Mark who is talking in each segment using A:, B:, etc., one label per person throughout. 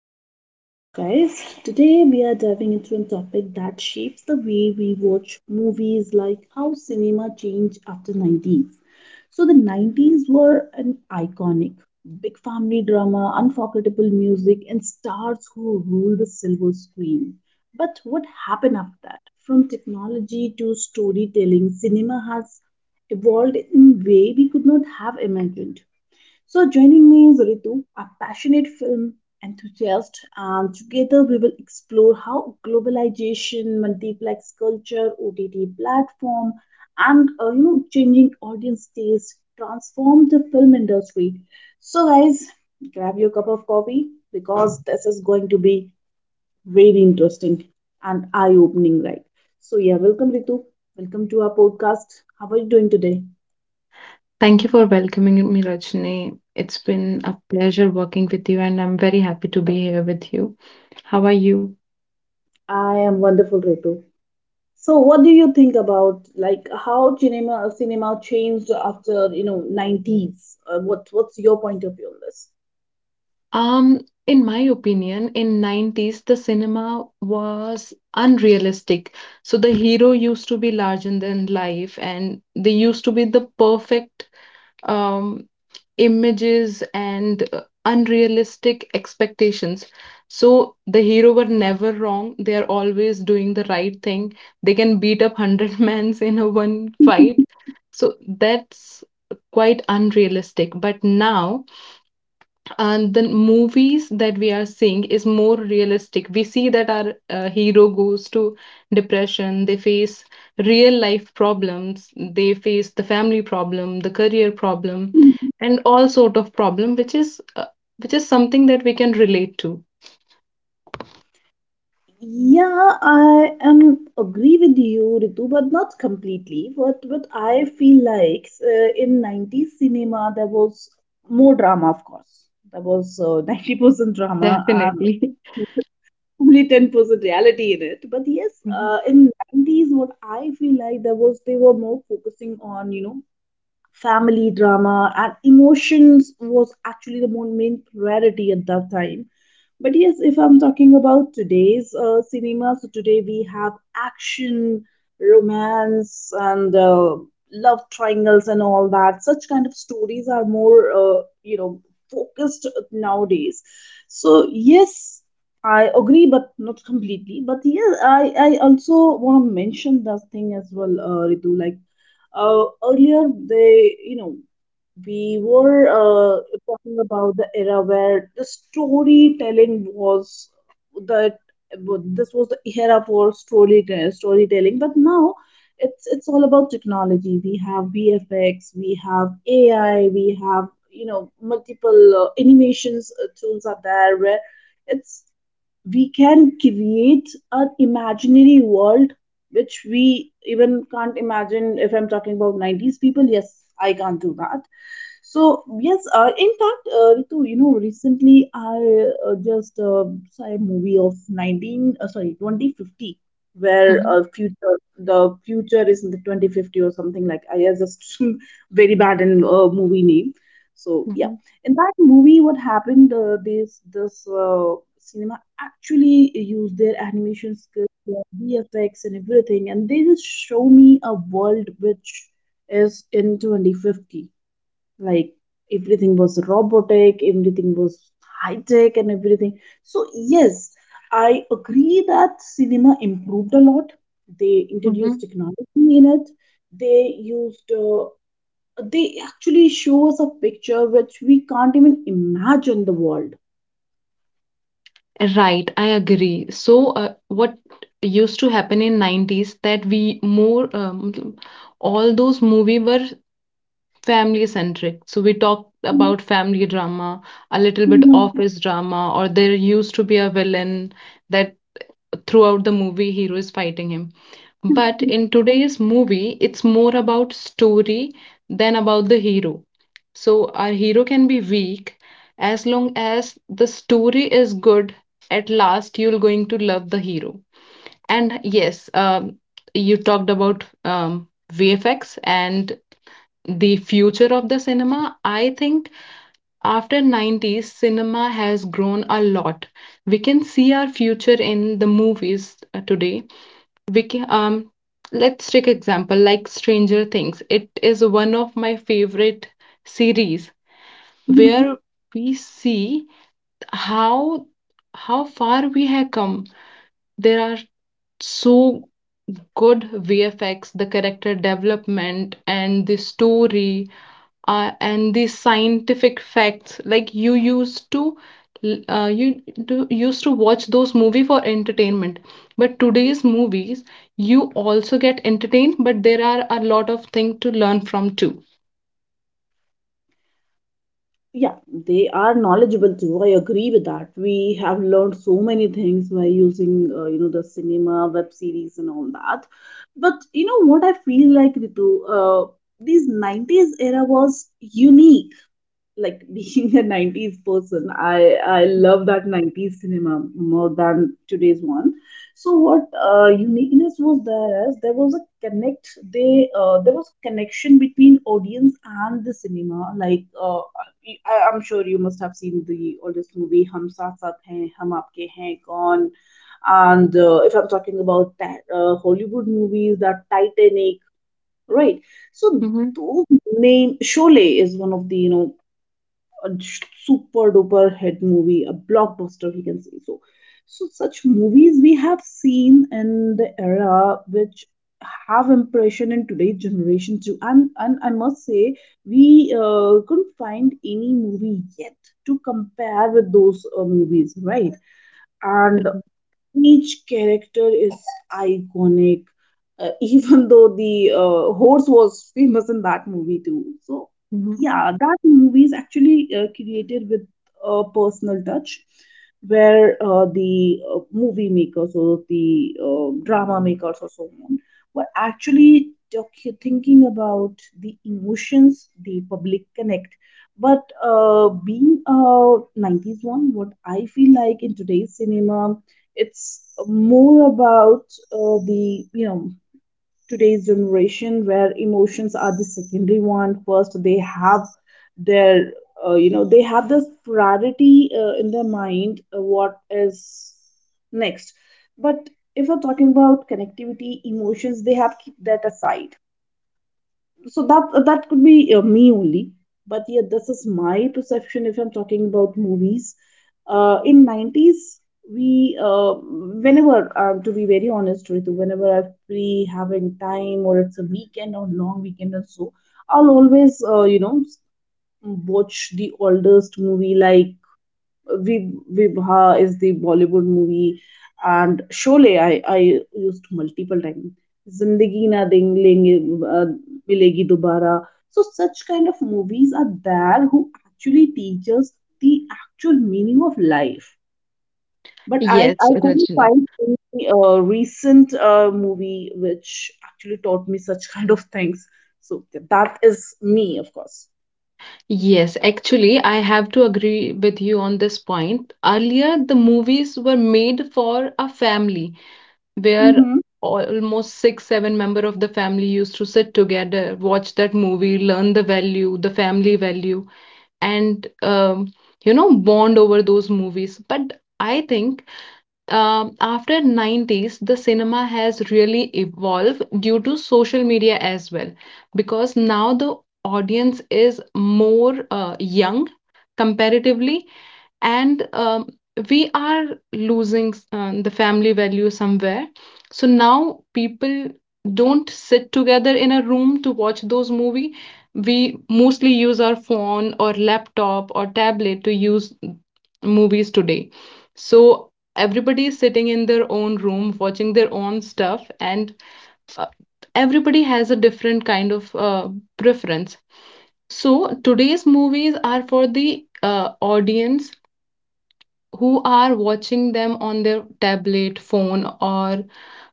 A: to our podcast, guys. Today, we are diving into a topic that shapes the way we watch movies, like how cinema changed after 90s. So, the 90s were an iconic, big family drama, unforgettable music, and stars who ruled the silver screen. But what happened after that? From technology to storytelling, cinema has evolved in a way we could not have imagined. So, joining me is Ritu, a passionate film enthusiast, and together we will explore how globalization, multiplex culture, OTT platform, and changing audience taste transform the film industry. So, guys, grab your cup of coffee because this is going to be very interesting and eye-opening, right? So, yeah, welcome Ritu. Welcome to our podcast. How are you doing today?
B: Thank you for welcoming me, Rajni. It's been a pleasure working with you, and I'm very happy to be here with you. How are you?
A: I am wonderful, Ritu. So, what do you think about like how cinema changed after nineties? What's your point of view on this?
B: Um, in my opinion, in 90s the cinema was unrealistic. So the hero used to be larger than life, and they used to be the perfect um images and unrealistic expectations. So the hero were never wrong, they are always doing the right thing. They can beat up 100 mans in a one fight. So that's quite unrealistic, but now, and the movies that we are seeing is more realistic. We see that our hero goes to depression, they face real life problems, they face the family problem, the career problem, and all sort of problem which is something that we can relate to.
A: Yeah, I am agree with you, Ritu, but not completely. What I feel like in nineties cinema there was more drama, of course. There was 90% drama and
B: Definitely.
A: only 10% reality in it. But yes,
B: Mhm,
A: in nineties, what I feel like there was they were more focusing on family drama, and emotions was actually the more main priority at that time. But yes, if I'm talking about today's cinema, so today we have action, romance, and love triangles and all that. Such kind of stories are more focused nowadays. So yes, I agree, but not completely. But yes, I also want to mention that thing as well, Ritu. Like earlier, we were talking about the era where the storytelling was that this was the era for storytelling. But now it's all about technology. We have VFX, we have AI, we have multiple animations, tools are there where it's we can create an imaginary world which we even can't imagine. If I'm talking about 90s people, yes, I can't do that. So yes, in fact, Ritu, recently I just saw a movie of 2050, where
B: mhm,
A: future the future is in the 2050 or something like. I am just very bad in movie name. So yeah,
B: mhm,
A: in that movie, what happened? This cinema actually used their animation skills, their VFX, and everything, and they just show me a world which is in 2050. Like everything was robotic, everything was high tech and everything. So yes, I agree that cinema improved a lot. They introduced
B: mhm.
A: technology in it. they used uh, they actually show us a picture which we can't even imagine the world.
B: Right, I agree. So, what used to happen in 90s that we more, all those movie were family centric. So we talked about family drama, a little bit office drama, or there used to be a villain that throughout the movie hero is fighting him. But in today's movie, it's more about story than about the hero. So our hero can be weak as long as the story is good. At last, you're going to love the hero. And yes, you talked about, VFX and the future of the cinema. I think after 90s cinema has grown a lot. We can see our future in the movies, today. We can, um, let's take example like Stranger Things. It is one of my favorite series,
A: Mhm.
B: where we see how, far we have come. There are so good VFX, the character development, and the story, and the scientific facts. Like you used to, used to watch those movie for entertainment, but today's movies you also get entertained, but there are a lot of things to learn from too.
A: Yeah, they are knowledgeable too. I agree with that. We have learned so many things by using, the cinema, web series, and all that. But you know what I feel like, Ritu? These 90s era was unique. Like being a 90s person, I love that 90s cinema more than today's one. So what uniqueness was there? As there was a connect, they there was connection between audience and the cinema. Like I'm sure you must have seen the oldest movie Hum Saath Saath Hain, Hum Aapke Hain Kaun, and if I'm talking about that, Hollywood movies, that Titanic. Right. So
B: Mm-hmm.
A: those name Sholay is one of the a super duper hit movie, a blockbuster, we can say so. So, such movies we have seen in the era which have impression in today's generation too. And I must say, we couldn't find any movie yet to compare with those movies, right? And
B: Mm-hmm.
A: each character is iconic, even though the horse was famous in that movie too. So
B: Mm-hmm.
A: yeah, that movie is actually created with a personal touch, where the movie makers or the drama makers or so on were actually thinking about the emotions, the public connect. But being a 90s one, what I feel like in today's cinema, it's more about the, today's generation where emotions are the secondary one. First, they have their, they have this priority in their mind, what is next. But if we're talking about connectivity, emotions, they have keep that aside. So that that could be me only. But yeah, this is my perception. If I'm talking about movies in 90s, we whenever to be very honest Ritu, whenever I'm free having time or it's a weekend or long weekend or so, I'll always watch the oldest movie like Vibha is the Bollywood movie, and Sholay I used multiple times. Zindagi Na Deng Lenge uh, Milegi Dobara. So such kind of movies are there who actually teach us the actual meaning of life. But I,
B: Yes,
A: I couldn't
B: Rajni.
A: find any recent movie which actually taught me such kind of things. So that is me, of course.
B: Yes, actually, I have to agree with you on this point. Earlier, the movies were made for a family where almost six, seven member of the family used to sit together, watch that movie, learn the value, the family value, and, bond over those movies. But I think, after 90s, the cinema has really evolved due to social media as well, because now the audience is more young comparatively and, we are losing, the family value somewhere. So now people don't sit together in a room to watch those movie, we mostly use our phone or laptop or tablet to use movies today. So everybody is sitting in their own room watching their own stuff, and, uh, everybody has a different kind of, preference. So today's movies are for the, audience who are watching them on their tablet, phone, or,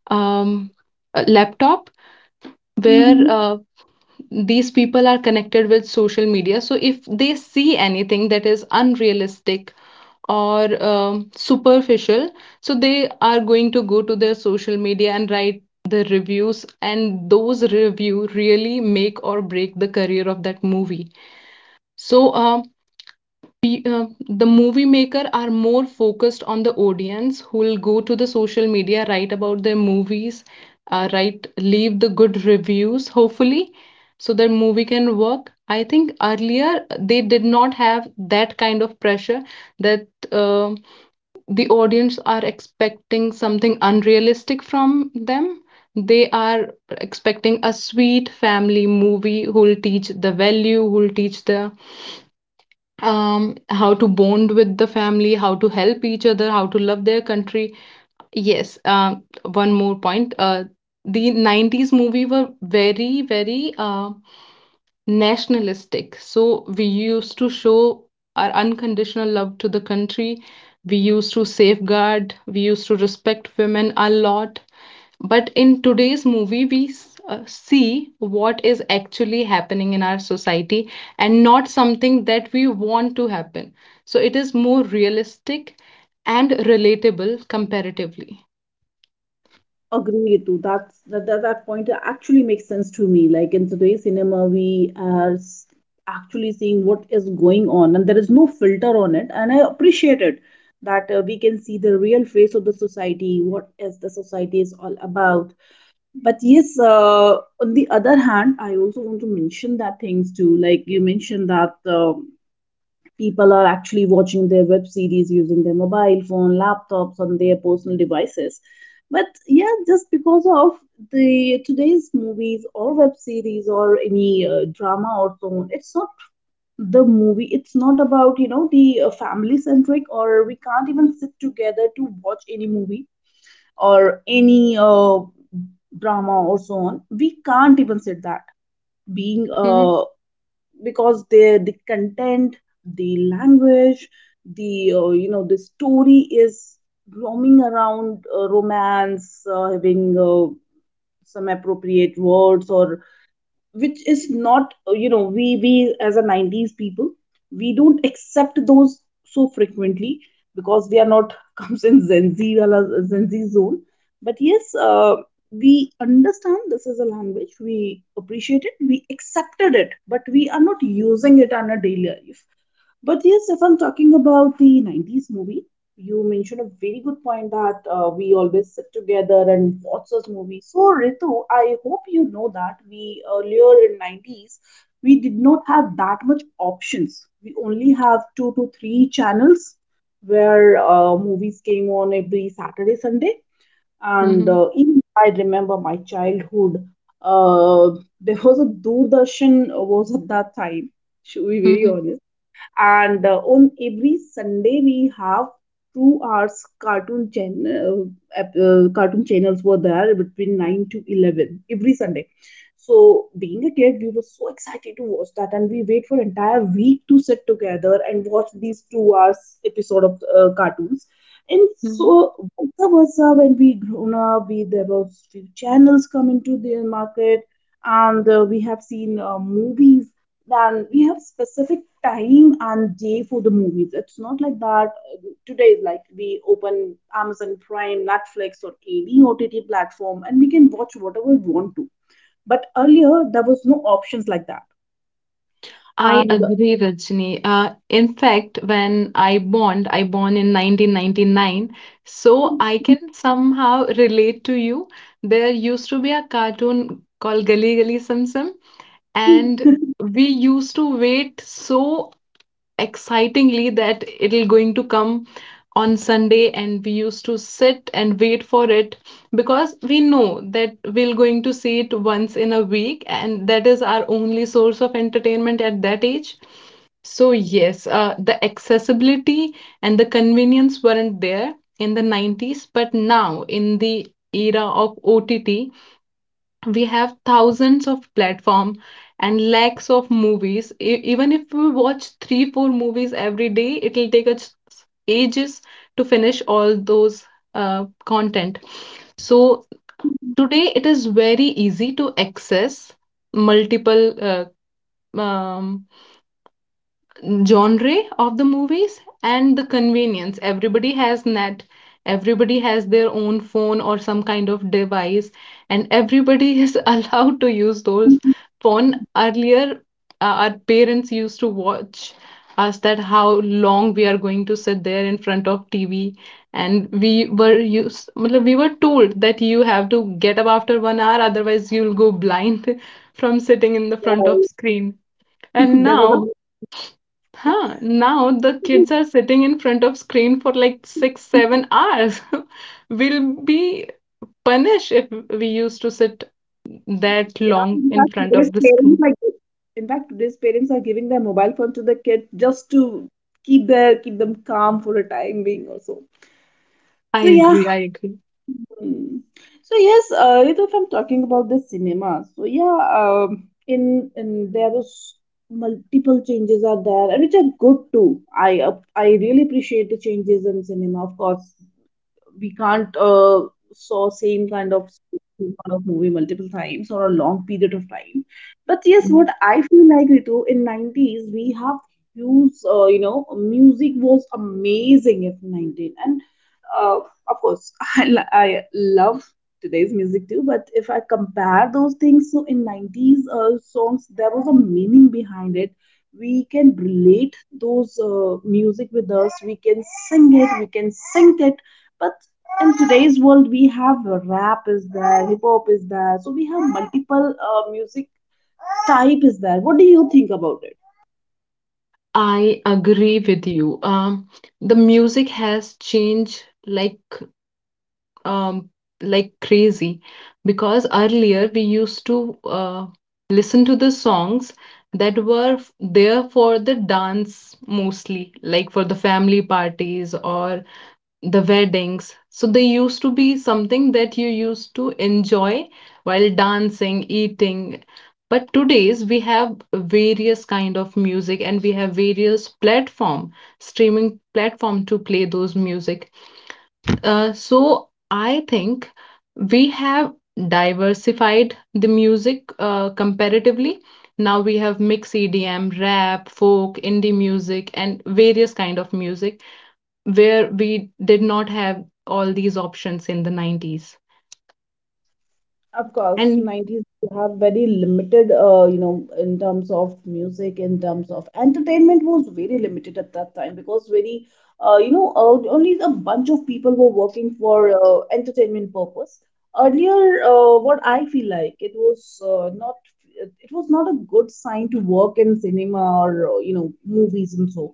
B: um, a laptop, where,
A: Mm-hmm.
B: these people are connected with social media. So if they see anything that is unrealistic or, superficial, so they are going to go to their social media and write the reviews, and those review really make or break the career of that movie. So, pe- uh, the movie maker are more focused on the audience who will go to the social media write about their movies, write leave the good reviews hopefully, so that movie can work. I think earlier they did not have that kind of pressure that, uh, the audience are expecting something unrealistic from them. They are expecting a sweet family movie who will teach the value, who will teach the, how to bond with the family, how to help each other, how to love their country. Yes, one more point. The 90s movie were very, nationalistic. So we used to show our unconditional love to the country. We used to safeguard, we used to respect women a lot. But in today's movie, we, see what is actually happening in our society and not something that we want to happen. So it is more realistic and relatable comparatively.
A: Agree, Ritu. That's that, that that point actually makes sense to me. Like in today's cinema, we are actually seeing what is going on, and there is no filter on it. And I appreciate it that we can see the real face of the society, what is the society is all about. But yes, on the other hand, I also want to mention that things too. Like you mentioned that. People are actually watching their web series using their mobile phone, laptops, on their personal devices. But yeah, just because of the today's movies or web series or any drama or so on, it's not the movie. It's not about the family centric, or we can't even sit together to watch any movie or any drama or so on. We can't even sit that being
B: Hmm.
A: because the content, the language, the the story is roaming around romance, having some appropriate words or which is not we as a 90s people, we don't accept those so frequently because we are not comes in Gen Z zone. But yes, we understand this is a language, we appreciate it, we accepted it, but we are not using it on a daily life. But yes, if I'm talking about the 90s movie, you mentioned a very good point that we always sit together and watch those movies. So, Ritu, I hope you know that we earlier in 90s, we did not have that much options. We only have two to three channels where movies came on every Saturday, Sunday. And
B: Hmm.
A: even I remember my childhood. Uh, there was a Doordarshan was at that time, should be very
B: Hmm.
A: honest. And on every Sunday we have 2 hours cartoon channel. Cartoon channels were there between 9 to 11 every Sunday. So being a kid, we were so excited to watch that, and we wait for entire week to sit together and watch these 2 hours episode of cartoons. And so both of us when we grown up, we there was few channels come into the market. And we have seen movies. Then we have specific time and day for the movies. It's not like that today is like we open Amazon Prime, Netflix, or any OTT platform and we can watch whatever we want to. But earlier there was no options like that.
B: I
A: And
B: agree, Rajni. In fact, when I born in 1999, so I can somehow relate to you. There used to be a cartoon called Gully Gully Sim Sim, and we used to wait so excitingly that it'll going to come on Sunday, and we used to sit and wait for it because we know that we're going to see it once in a week, and that is our only source of entertainment at that age. So yes, the accessibility and the convenience weren't there in the 90s, but now in the era of OTT, we have thousands of platform and lakhs of movies. Even if we watch 3 4 movies every day, it'll take us ages to finish all those, content. So today it is very easy to access multiple, um, genre of the movies and the convenience. Everybody has net, everybody has their own phone or some kind of device, and everybody is allowed to use those phone. Earlier, our parents used to watch us that how long we are going to sit there in front of TV, and we were used, matlab, we were told that you have to get up after 1 hour, otherwise you'll go blind from sitting in the front of screen. And
A: there was a
B: now, huh, now the kids are sitting in front of screen for like six, 7 hours. We'll be punished if we used to sit that
A: yeah,
B: long
A: in
B: in
A: fact,
B: front of
A: today's
B: the screen.
A: parents are giving their mobile phone to the kid just to keep them calm for a time being also. So,
B: I
A: so, yeah.
B: agree, I agree.
A: Hmm. So yes, Ritu, if I'm talking about the cinema, so yeah, in there was multiple changes are there, and which are good too. I really appreciate the changes in cinema. Of course, we can't saw same kind of movie multiple times or a long period of time. But yes,
B: Mhm.
A: what I feel like Ritu in 90s we have huge, music was amazing if 19 and uh, of course I love today's music too. But if I compare those things, so in 90s songs there was a meaning behind it. We can relate those music with us. We can sing it. We can sync it. But in today's world we have rap is there, hip hop is there, so we have multiple music type is there? What do you think about it?
B: I agree with you. The music has changed like, um, like crazy because earlier we used to, listen to the songs that were there for the dance mostly, like for the family parties or the weddings. So they used to be something that you used to enjoy while dancing, eating. But today's we have various kind of music, and we have various platform, streaming platform to play those music. So I think we have diversified the music, comparatively. Now we have mix EDM, rap, folk, indie music, and various kind of music where we did not have all these options in the 90s.
A: Of course,
B: And
A: 90s have very limited, in terms of music, in terms of entertainment was very limited at that time because very, only a bunch of people were working for entertainment purpose. Earlier, what I feel like, it was not a good sign to work in cinema or movies. And so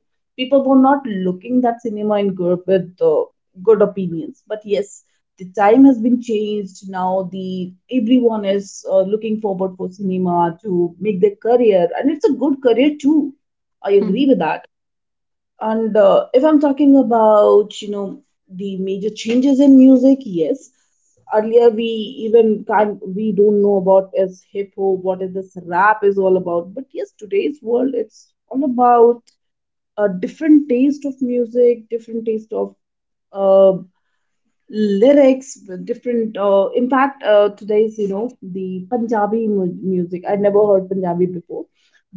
A: people were not looking that cinema in good with good opinions. But yes, the time has been changed. Now the everyone is looking forward for cinema to make their career, and it's a good career too. I agree with that. And if I'm talking about, the major changes in music, yes. Earlier we even can't, we don't know about is hip hop, what is this rap is all about. But yes, today's world, it's all about a different taste of music, different taste of uh, lyrics with different impact, today's the Punjabi music, I never heard Punjabi before,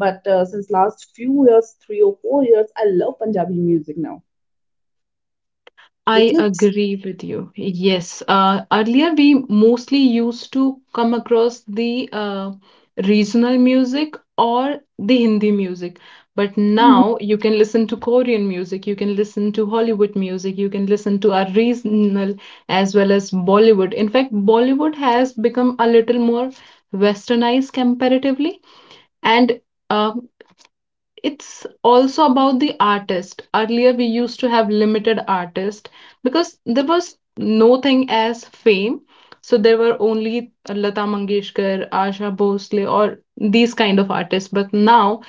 A: but since last few years, 3 or 4 years, I love Punjabi music now, which
B: I
A: is
B: agree with you. Yes. Earlier, we mostly used to come across the, regional music or the Hindi music. But now you can listen to Korean music, you can listen to Hollywood music, you can listen to our regional as well as Bollywood. In fact, Bollywood has become a little more westernized comparatively. And, uh, it's also about the artist. Earlier, we used to have limited artists because there was no thing as fame. So there were only Lata Mangeshkar, Asha Bhosle, or these kind of artists. But now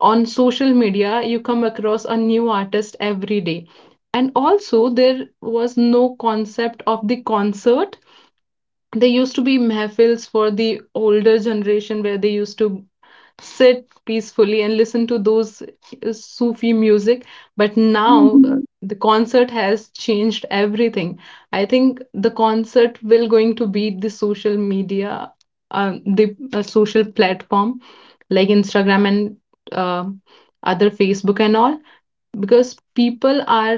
B: on social media, you come across a new artist every day. And also, there was no concept of the concert. There used to be mehfils for the older generation where they used to sit peacefully and listen to those, Sufi music. But now, the concert has changed everything. I think the concert will going to beat the social media, the, social platform like Instagram and, uh, other Facebook and all, because people are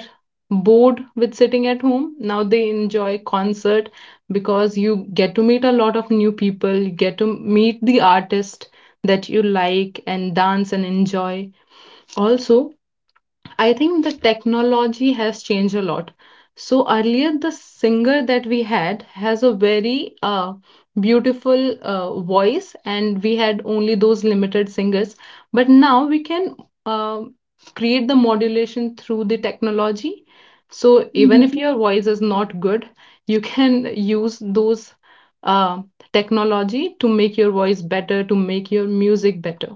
B: bored with sitting at home. Now they enjoy concert because you get to meet a lot of new people, you get to meet the artist that you like and dance and enjoy. Also, I think the technology has changed a lot. So earlier, the singer that we had has a very, beautiful, voice, and we had only those limited singers. But now we can, uh, create the modulation through the technology. So even if your voice is not good, you can use those, uh, technology to make your voice better, to make your music better.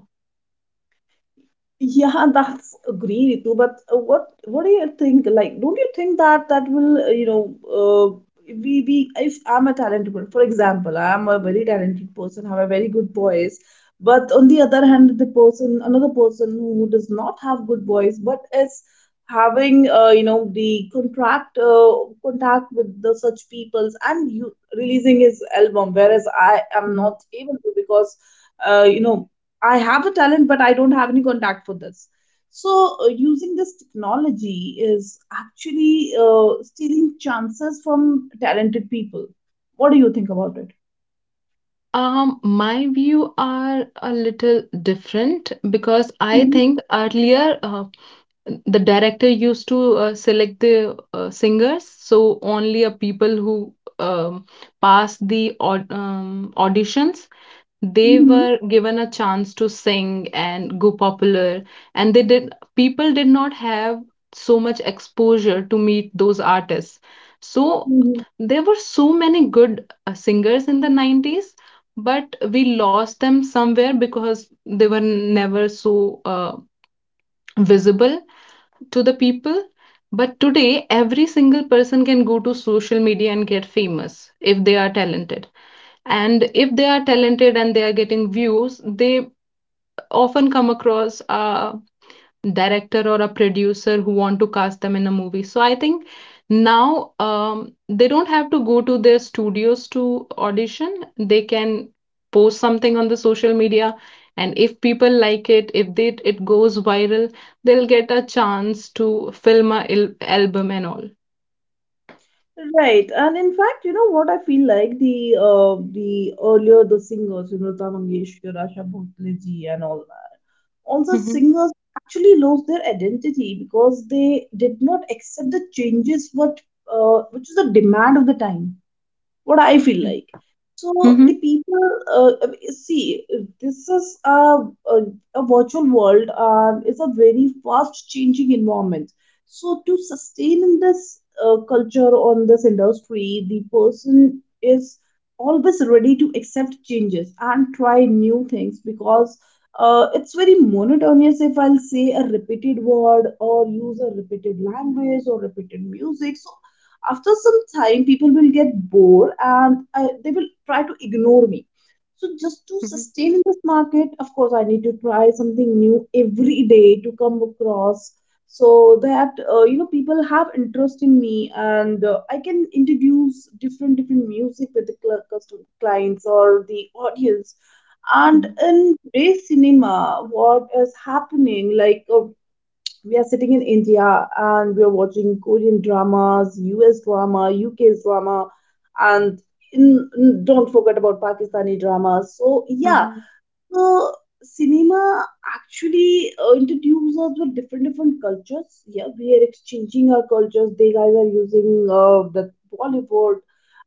A: Yeah, that's agree, Ritu. But what do you think? Like, don't you think that that will, uh, we if I'm a talented person, for example, I'm a very talented person, have a very good voice, but on the other hand, the person, another person who does not have good voice, but is having, the contract contact with the such peoples and you releasing his album, whereas I am not able to because uh, you know I have a talent, but I don't have any contact for this. So, using this technology is actually stealing chances from talented people. What do you think about it?
B: My view are a little different because I think earlier, the director used to, select the, singers. So only a people who, um, passed the auditions, they
A: Mhm,
B: were given a chance to sing and go popular, and they did, people did not have so much exposure to meet those artists. So
A: mhm.
B: there were so many good, singers in the 90s, but we lost them somewhere because they were never so, visible to the people. But today, every single person can go to social media and get famous if they are talented. And if they are talented and they are getting views, they often come across, director or a producer who want to cast them in a movie. So I think now, they don't have to go to their studios to audition. They can post something on the social media, and if people like it, if they, it goes viral, they'll get a chance to film a album and all.
A: Right, and in fact, you know what I feel like, the earlier the singers, Lata Mangeshkar, Asha Bhosle ji, and all that, all the
B: Mhm.
A: singers actually lost their identity because they did not accept the changes what which is the demand of the time, what I feel
B: Mhm.
A: like. So the
B: Mhm.
A: people see, this is a, a virtual world, and it's a very fast changing environment. So to sustain in this culture on this industry, the person is always ready to accept changes and try new things because it's very monotonous if I'll say a repeated word or use a repeated language or repeated music. So after some time people will get bored, and they will try to ignore me. So just to sustain in this market, of course I need to try something new every day to come across so that people have interest in me, and I can introduce different different music with the custom clients or the audience. And
B: Mhm.
A: in today's cinema, what is happening like, we are sitting in India, and we are watching Korean dramas, US drama, UK's drama, and don't forget about Pakistani dramas. So yeah,
B: Mhm.
A: the cinema actually introduces us with different different cultures. Yeah, we are exchanging our cultures. They guys are using the Bollywood,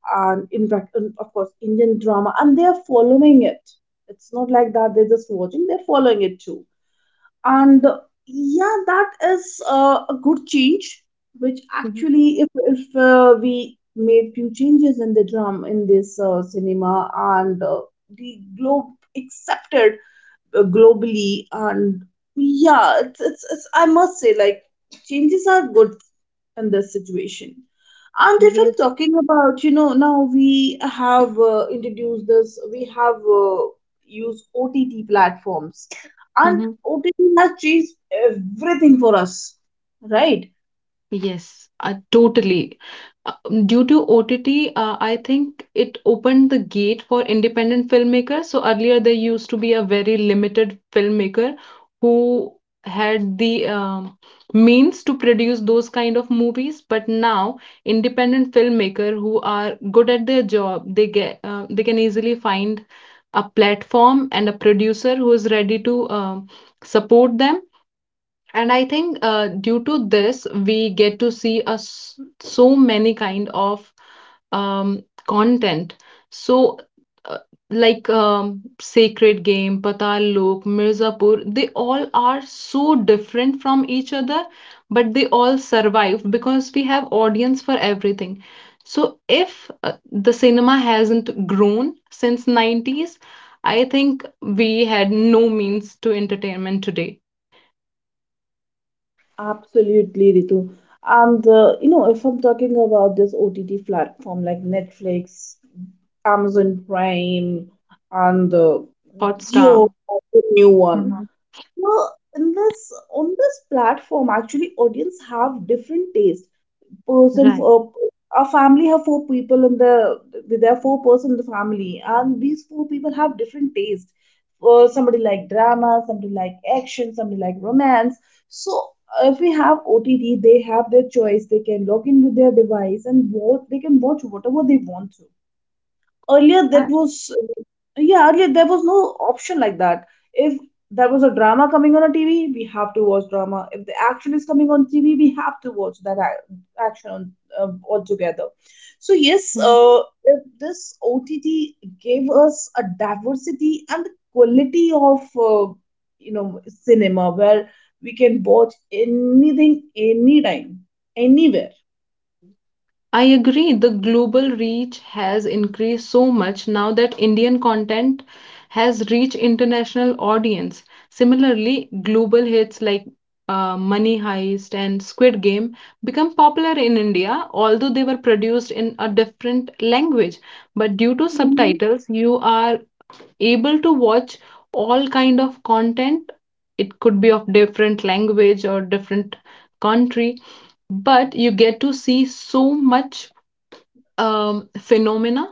A: and in fact, and of course, Indian drama, and they are following it. It's not like that; they're just watching; they're following it too. And yeah, that is a good change, which
B: Mhm.
A: actually if we made few changes in the drum in this cinema, and the globe accepted globally. And yeah, it's I must say, like, changes are good in this situation. And if I'm
B: Yes.
A: talking about, now we have introduced this, we have used OTT platforms, and
B: Mm-hmm.
A: OTT has changed everything for us, right?
B: Yes, totally. Due to OTT, I think it opened the gate for independent filmmakers. So earlier there used to be a very limited filmmaker who had the means to produce those kind of movies. But now independent filmmaker who are good at their job, they can easily find a platform and a producer who is ready to support them. And I think due to this, we get to see us so many kind of content. So, uh, like Sacred Game, Patal Lok, Mirzapur, they all are so different from each other, but they all survive because we have audience for everything. So, if the cinema hasn't grown since 90s, I think we had no means to entertainment today.
A: Absolutely, Ritu. And if I'm talking about this OTT platform like Netflix, Amazon Prime, and Jio,
B: Hotstar.
A: the new one.
B: Mhm.
A: Well, in this on this platform, actually, audience have different taste. Person
B: Right.
A: for our family have four people in the with their four person in the family, and these four people have different taste. Somebody like drama, somebody like action, somebody like romance. So if we have OTT, they have their choice, they can log in with their device and watch, they can watch whatever they want to. Earlier that
B: I
A: was Yeah, earlier there was no option like that. If there was a drama coming on a TV, we have to watch drama. If the action is coming on TV, we have to watch that action on, altogether. So yes,
B: Mhm.
A: if this OTT gave us a diversity and the quality of uh, cinema where we can watch anything, anytime, anywhere.
B: I agree. The global reach has increased so much now that Indian content has reached international audience. Similarly, global hits like Money Heist and Squid Game become popular in India, although they were produced in a different language. But due to
A: Mhm.
B: subtitles, you are able to watch all kind of content. It could be of different language or different country, but you get to see so much phenomena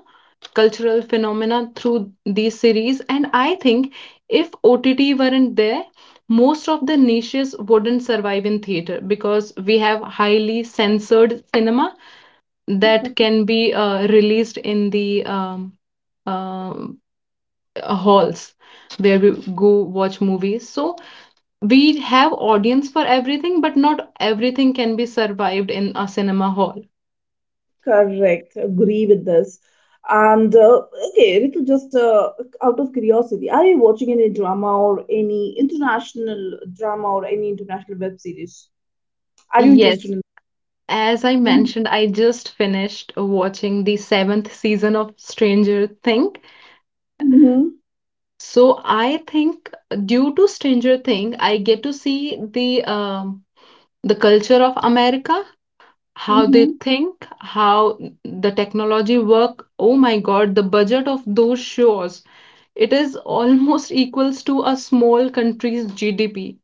B: cultural phenomena through these series. And I think if OTT weren't there, most of the niches wouldn't survive in theater because we have highly censored cinema that can be released in the um, halls where we go watch movies. So we have audience for everything, but not everything can be survived in a cinema hall.
A: Correct. Agree with this. And okay, Ritu, just out of curiosity, are you watching any drama or any international drama or any international web series? Are you
B: Yes.
A: interested in?
B: As I mentioned, I just finished watching the seventh season of Stranger Thing.
A: Mm-hmm.
B: So I think due to Stranger Thing, I get to see the culture of America, how they
A: Mm-hmm.
B: think, how the technology work. Oh my God, the budget of those shows, it is almost equals to a small country's GDP.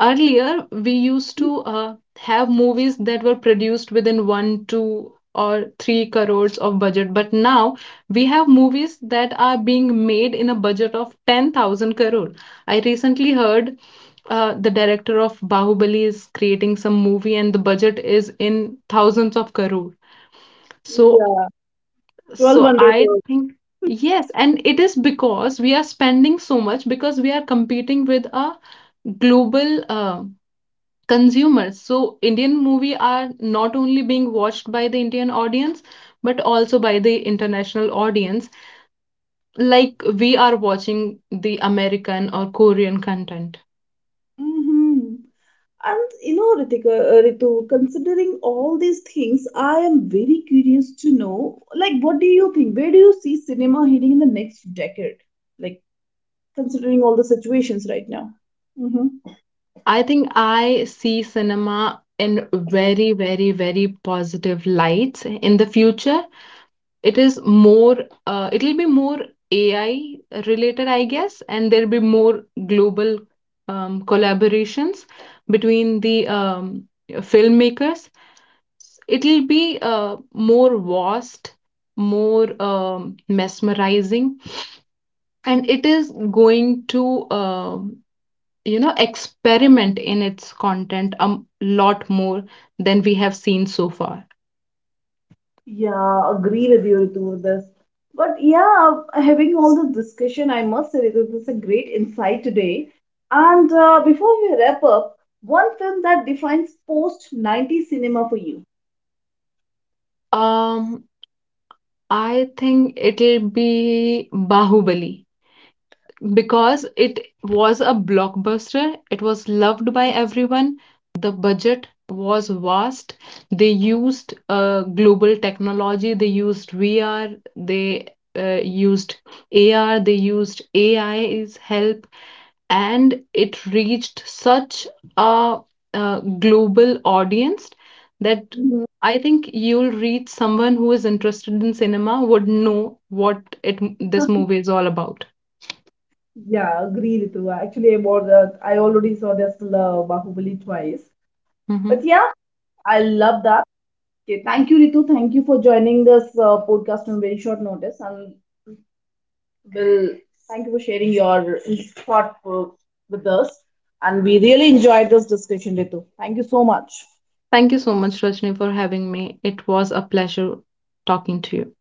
B: Earlier we used to have movies that were produced within 1 2 or 3 crores of budget, but now we have movies that are being made in a budget of 10,000 crore. I recently heard the director of Bahubali is creating some movie and the budget is in thousands of crore. so
A: Yeah. 12
B: so
A: Wonder
B: I
A: Girls.
B: think. Yes, and it is because we are spending so much because we are competing with a global consumers. So Indian movie are not only being watched by the Indian audience, but also by the international audience, like we are watching the American or Korean content.
A: Mm-hmm. And you know, Ritu, considering all these things, I am very curious to know, like, what do you think? Where do you see cinema heading in the next decade? Like, considering all the situations right now. Mm-hmm.
B: I think I see cinema in very very very positive lights in the future. It is more uh, it'll be more AI related, I guess, and there'll be more global collaborations between the filmmakers. It'll be more vast, more mesmerizing, and it is going to um experiment in its content a lot more than we have seen so far.
A: Yeah, agree with you, Ritu, with this. But yeah, having all this discussion, I must say, Ritu, this is a great insight today. And before we wrap up, one film that defines post-90s cinema for you.
B: um I think it'll be Bahubali because it was a blockbuster, it was loved by everyone. The budget was vast. They used global technology, they used VR, they used AR, they used AI's help, and it reached such a global audience that
A: Mhm.
B: I think you'll reach someone who is interested in cinema would know what it this movie is all about.
A: Yeah, agree, Ritu. Actually, about that, I already saw this Bahubali twice. But
B: Mhm.
A: yeah, I love that. Okay, thank you, Ritu. Thank you for joining this podcast on very short notice. And Well, thank you for sharing your thought with us. And we really enjoyed this discussion, Ritu. Thank you so much.
B: Thank you so much, Rajni, for having me. It was a pleasure talking to you.